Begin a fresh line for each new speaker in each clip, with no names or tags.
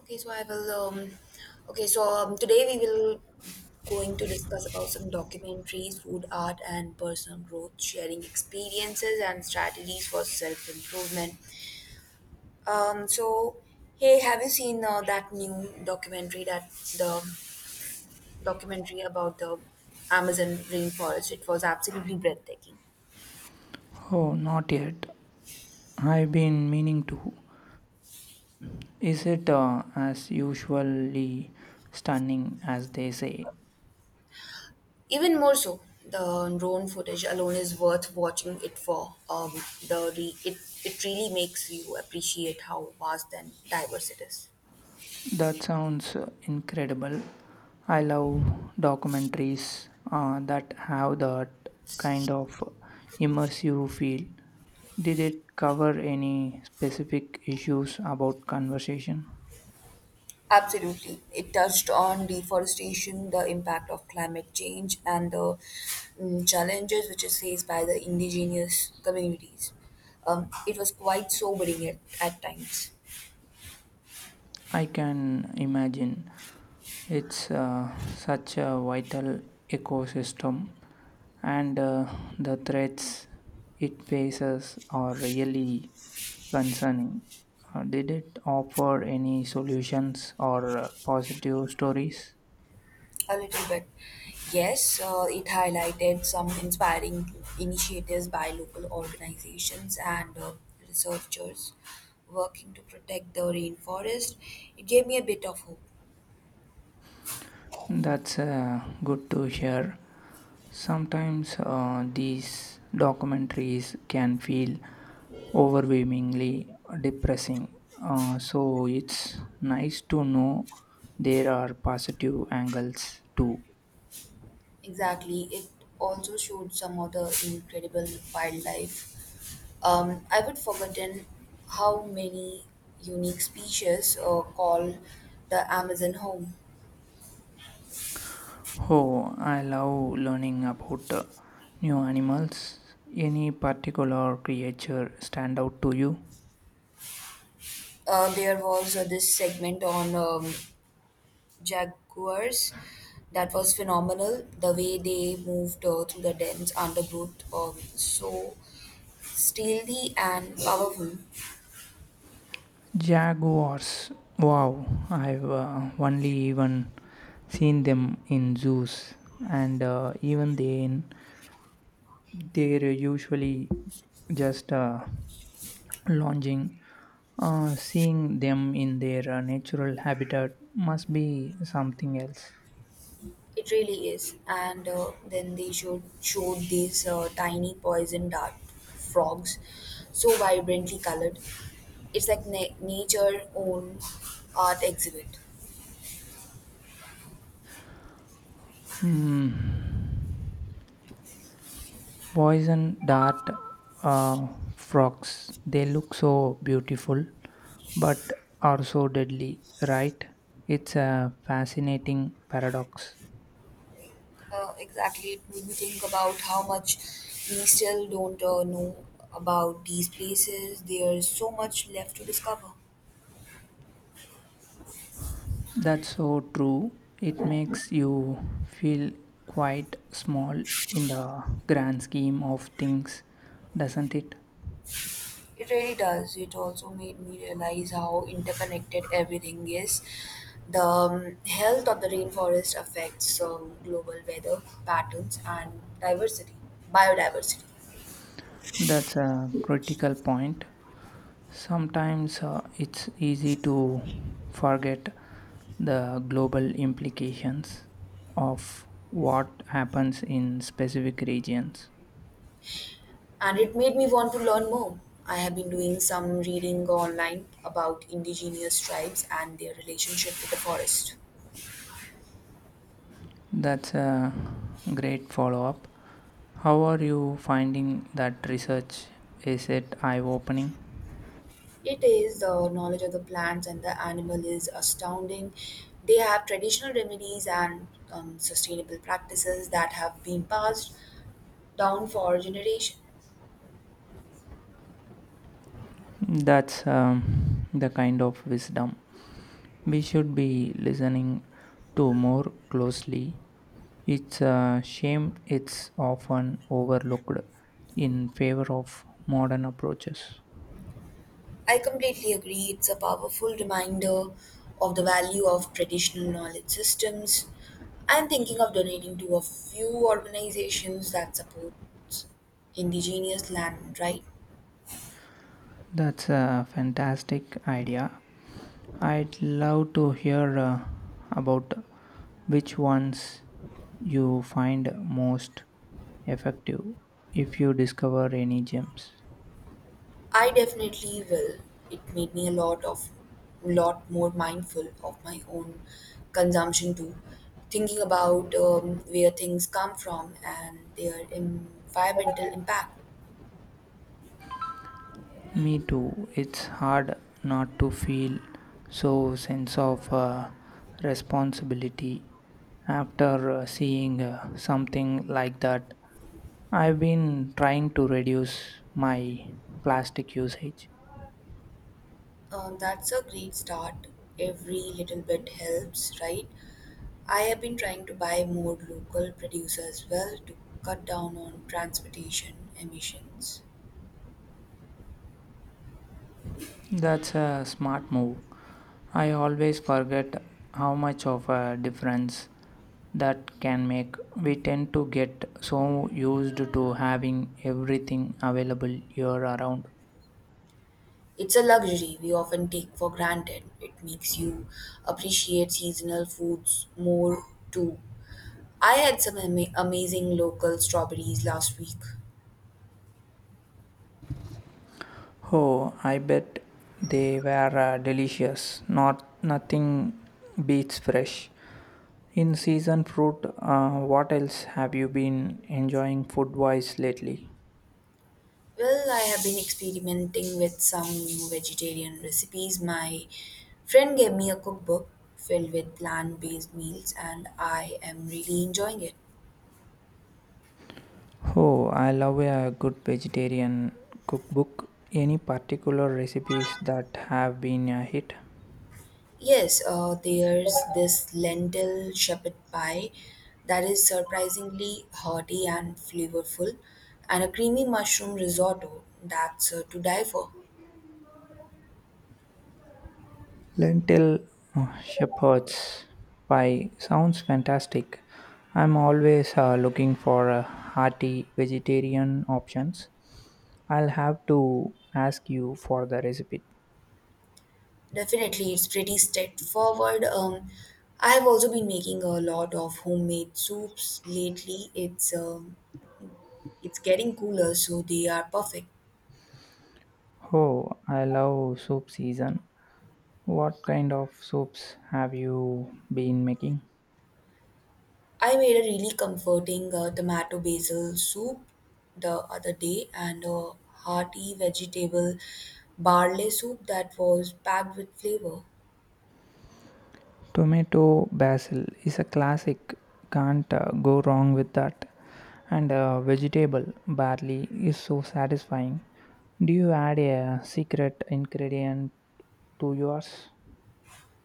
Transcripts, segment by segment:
Okay, so I will. Today we will going to discuss about some documentaries, food art, and personal growth, sharing experiences and strategies for self improvement. So hey, have you seen that new documentary that the documentary about the Amazon rainforest? It was absolutely breathtaking.
Oh, not yet. I've been meaning to. Is it as usually stunning as they say?
Even more so, the drone footage alone is worth watching it for. The re- it It really makes you appreciate how vast and diverse it is.
That sounds incredible. I love documentaries that have that kind of immersive feel. Did it cover any specific issues about conversation?
Absolutely. It touched on deforestation, the impact of climate change, and the challenges which is faced by the indigenous communities. It was quite sobering at times.
I can imagine. It's such a vital ecosystem, and the threats it faces are really concerning. Did it offer any solutions or positive stories?
A little bit. Yes, it highlighted some inspiring initiatives by local organizations and researchers working to protect the rainforest. It gave me a bit of hope.
That's good to hear. Sometimes these documentaries can feel overwhelmingly depressing. So it's nice to know there are positive angles too.
Exactly. It also showed some other incredible wildlife. I would forgotten how many unique species call the Amazon home.
Oh, I love learning about new animals. Any particular creature stand out to you?
There was this segment on Jaguars that was phenomenal. The way they moved through the dense undergrowth so stealthy and powerful.
Jaguars. Wow, I've only even seen them in zoos, and even then, they're usually just lounging. Seeing them in their natural habitat must be something else.
It really is. And then they showed these tiny poison dart frogs, so vibrantly colored. It's like nature own art exhibit.
Hmm. Poison dart uh, frogs. They look so beautiful, but are so deadly, right? It's a fascinating paradox.
Exactly. It made me think about how much we still don't know about these places. There's so much left to discover.
That's so true. It makes you feel quite small in the grand scheme of things, doesn't it?
It really does. It also made me realize how interconnected everything is. The health of the rainforest affects global weather patterns and biodiversity.
That's a critical point. Sometimes it's easy to forget the global implications of what happens in specific regions.
And it made me want to learn more. I have been doing some reading online about indigenous tribes and their relationship with the forest.
That's a great follow up. How are you finding that research? Is it eye opening?
It is the knowledge of the plants and the animal is astounding. They have traditional remedies and sustainable practices that have been passed down for generations.
That's the kind of wisdom we should be listening to more closely. It's a shame it's often overlooked in favor of modern approaches.
I completely agree. It's a powerful reminder of the value of traditional knowledge systems. I'm thinking of donating to a few organizations that support indigenous land, right?
That's a fantastic idea. I'd love to hear about which ones you find most effective if you discover any gems.
I definitely will. It made me a lot of lot more mindful of my own consumption too, thinking about where things come from and their environmental impact.
Me too. It's hard not to feel so sense of responsibility after seeing something like that. I've been trying to reduce my plastic usage.
That's a great start. Every little bit helps, right? I have been trying to buy more local produce as well to cut down on transportation emissions.
That's a smart move. I always forget how much of a difference that can make. We tend to get so used to having everything available year around.
It's a luxury we often take for granted. It makes you appreciate seasonal foods more too. I had some amazing local strawberries last week.
Oh, I bet they were delicious. Not nothing beats fresh. In season fruit, what else have you been enjoying food wise lately?
Well, I have been experimenting with some new vegetarian recipes. My friend gave me a cookbook filled with plant based meals, and I am really enjoying it.
Oh, I love a good vegetarian cookbook. Any particular recipes that have been a hit?
Yes, there's this lentil shepherd pie that is surprisingly hearty and flavorful, and a creamy mushroom risotto that's to die for.
Lentil shepherd's pie sounds fantastic. I'm always looking for hearty vegetarian options. I'll have to ask you for the recipe.
Definitely, it's pretty straightforward. I've also been making a lot of homemade soups lately. It's getting cooler, so they are perfect.
Oh, I love soup season. What kind of soups have you been making?
I made a really comforting tomato basil soup the other day and a hearty vegetable barley soup that was packed with flavor.
Tomato basil is a classic. Can't go wrong with that. And vegetable barley is so satisfying. Do you add a secret ingredient to yours?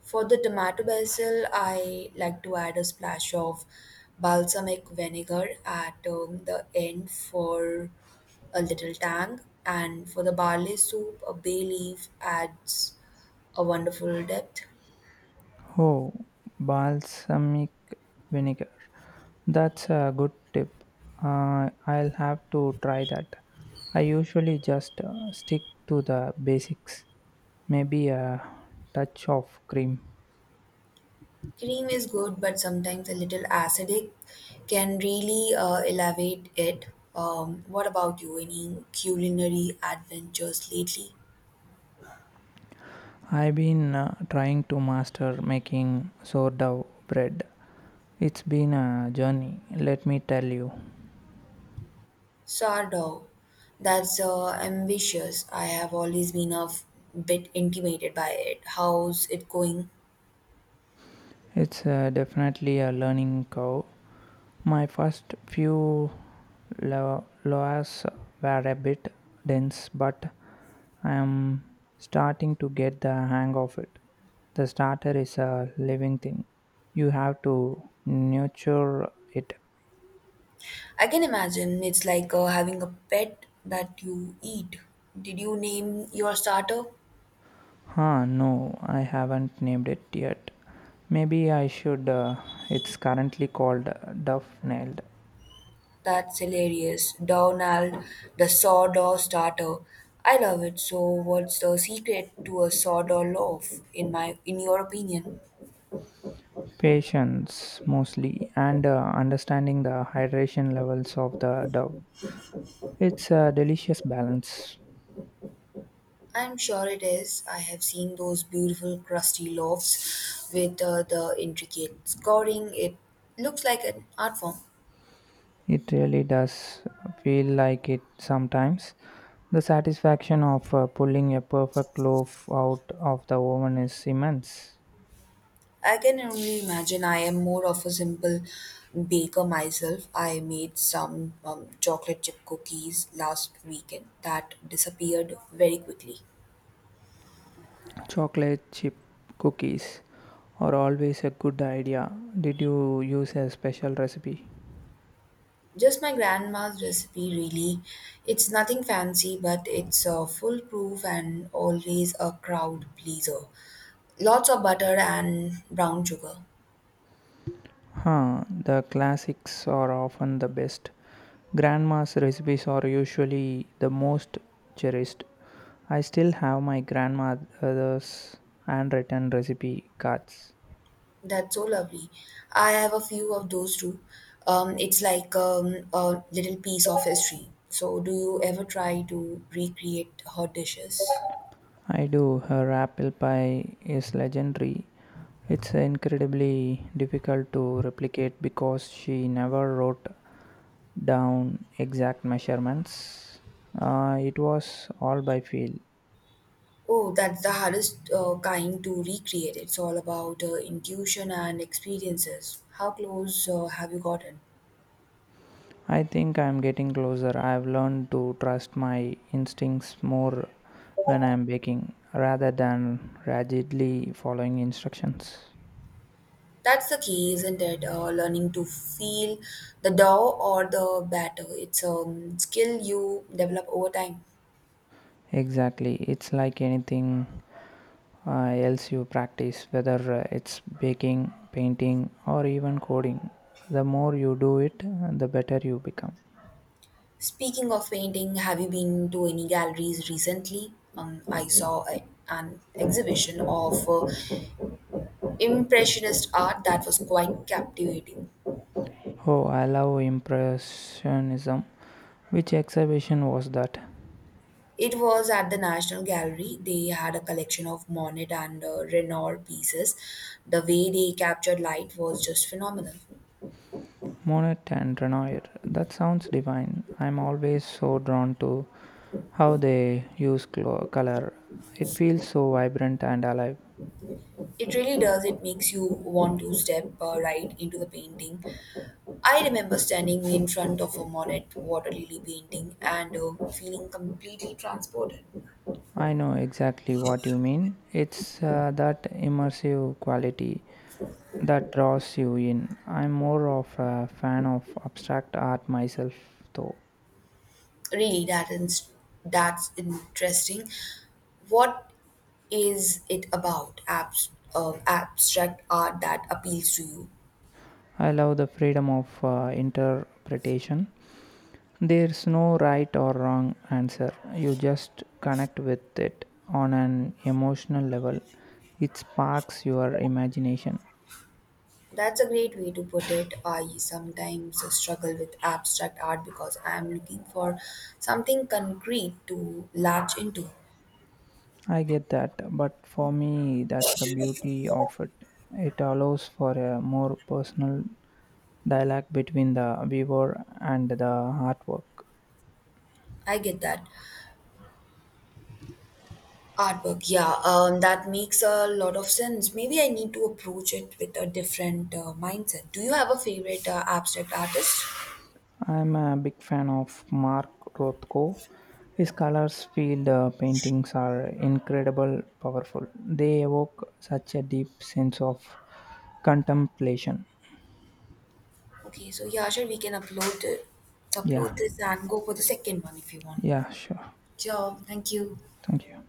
For the tomato basil, I like to add a splash of balsamic vinegar at the end for a little tang, and for the barley soup, a bay leaf adds a wonderful depth.
Oh, balsamic vinegar. That's a good tip. I'll have to try that. I usually just stick to the basics, maybe a touch of cream.
Cream is good, but sometimes a little acidic can really elevate it. What about you? Any culinary adventures lately?
I've been trying to master making sourdough bread. It's been a journey, let me tell you.
Sourdough. That's ambitious. I have always been bit intimidated by it. How's it going?
It's definitely a learning curve. My first few loas were a bit dense, but I am starting to get the hang of it. The starter is a living thing, you have to nurture it.
I can imagine it's like having a pet that you eat. Did you name your starter?
Huh, no, I haven't named it yet. Maybe I should. It's currently called Duff Nailed.
That's hilarious. Donald the Sawdust Starter. I love it. So what's the secret to a sawdust loaf in your opinion?
Patience mostly, and understanding the hydration levels of the dove. It's a delicious balance.
I'm sure it is. I have seen those beautiful crusty loaves with the intricate scoring. It looks like an art form.
It really does feel like it sometimes. The satisfaction of pulling a perfect loaf out of the oven is immense.
I can only imagine I am more of a simple baker myself. I made some chocolate chip cookies last weekend that disappeared very quickly.
Chocolate chip cookies are always a good idea. Did you use a special recipe?
Just my grandma's recipe, really. It's nothing fancy, but it's foolproof and always a crowd pleaser. Lots of butter and brown sugar.
Huh, the classics are often the best. Grandma's recipes are usually the most cherished. I still have my grandmother's handwritten recipe cards.
That's so lovely. I have a few of those too. It's like a little piece of history. So, do you ever try to recreate her dishes?
I do, her apple pie is legendary. It's incredibly difficult to replicate because she never wrote down exact measurements. It was all by feel.
Oh, that's the hardest kind to recreate. It's all about intuition and experiences. How close have you gotten?
I think I'm getting closer. I've learned to trust my instincts more when I'm baking rather than rigidly following instructions.
That's the key, isn't it? Learning to feel the dough or the batter. It's a skill you develop over time.
Exactly. It's like anything else you practice, whether it's baking, painting, or even coding. The more you do it, the better you become.
Speaking of painting, have you been to any galleries recently? I saw an exhibition of Impressionist art that was quite captivating.
Oh, I love Impressionism. Which exhibition was that?
It was at the National Gallery. They had a collection of Monet and Renoir pieces. The way they captured light was just phenomenal.
Monet and Renoir. That sounds divine. I'm always so drawn to how they use color. It feels so vibrant and alive.
It really does. It makes you want to step right into the painting. I remember standing in front of a Monet water lily painting and feeling completely transported.
I know exactly what you mean. It's that immersive quality that draws you in. I'm more of a fan of abstract art myself, though.
Really, that's interesting. What is it about? Abstract art that appeals to you.
I love the freedom of interpretation. There's no right or wrong answer. You just connect with it on an emotional level. It sparks your imagination.
That's a great way to put it. I sometimes struggle with abstract art because I am looking for something concrete to latch into.
I get that, but for me, that's the beauty of it. It allows for a more personal dialogue between the viewer and the artwork.
I get that. Artwork, yeah, that makes a lot of sense. Maybe I need to approach it with a different mindset. Do you have a favorite abstract artist?
I'm a big fan of Mark Rothko. His colors field paintings are incredible, powerful. They evoke such a deep sense of contemplation.
Okay, so yeah, sure, we can upload it,
Yeah,
upload this and go for the second one if you want.
yeah, sure.
Sure, thank you.
Thank you.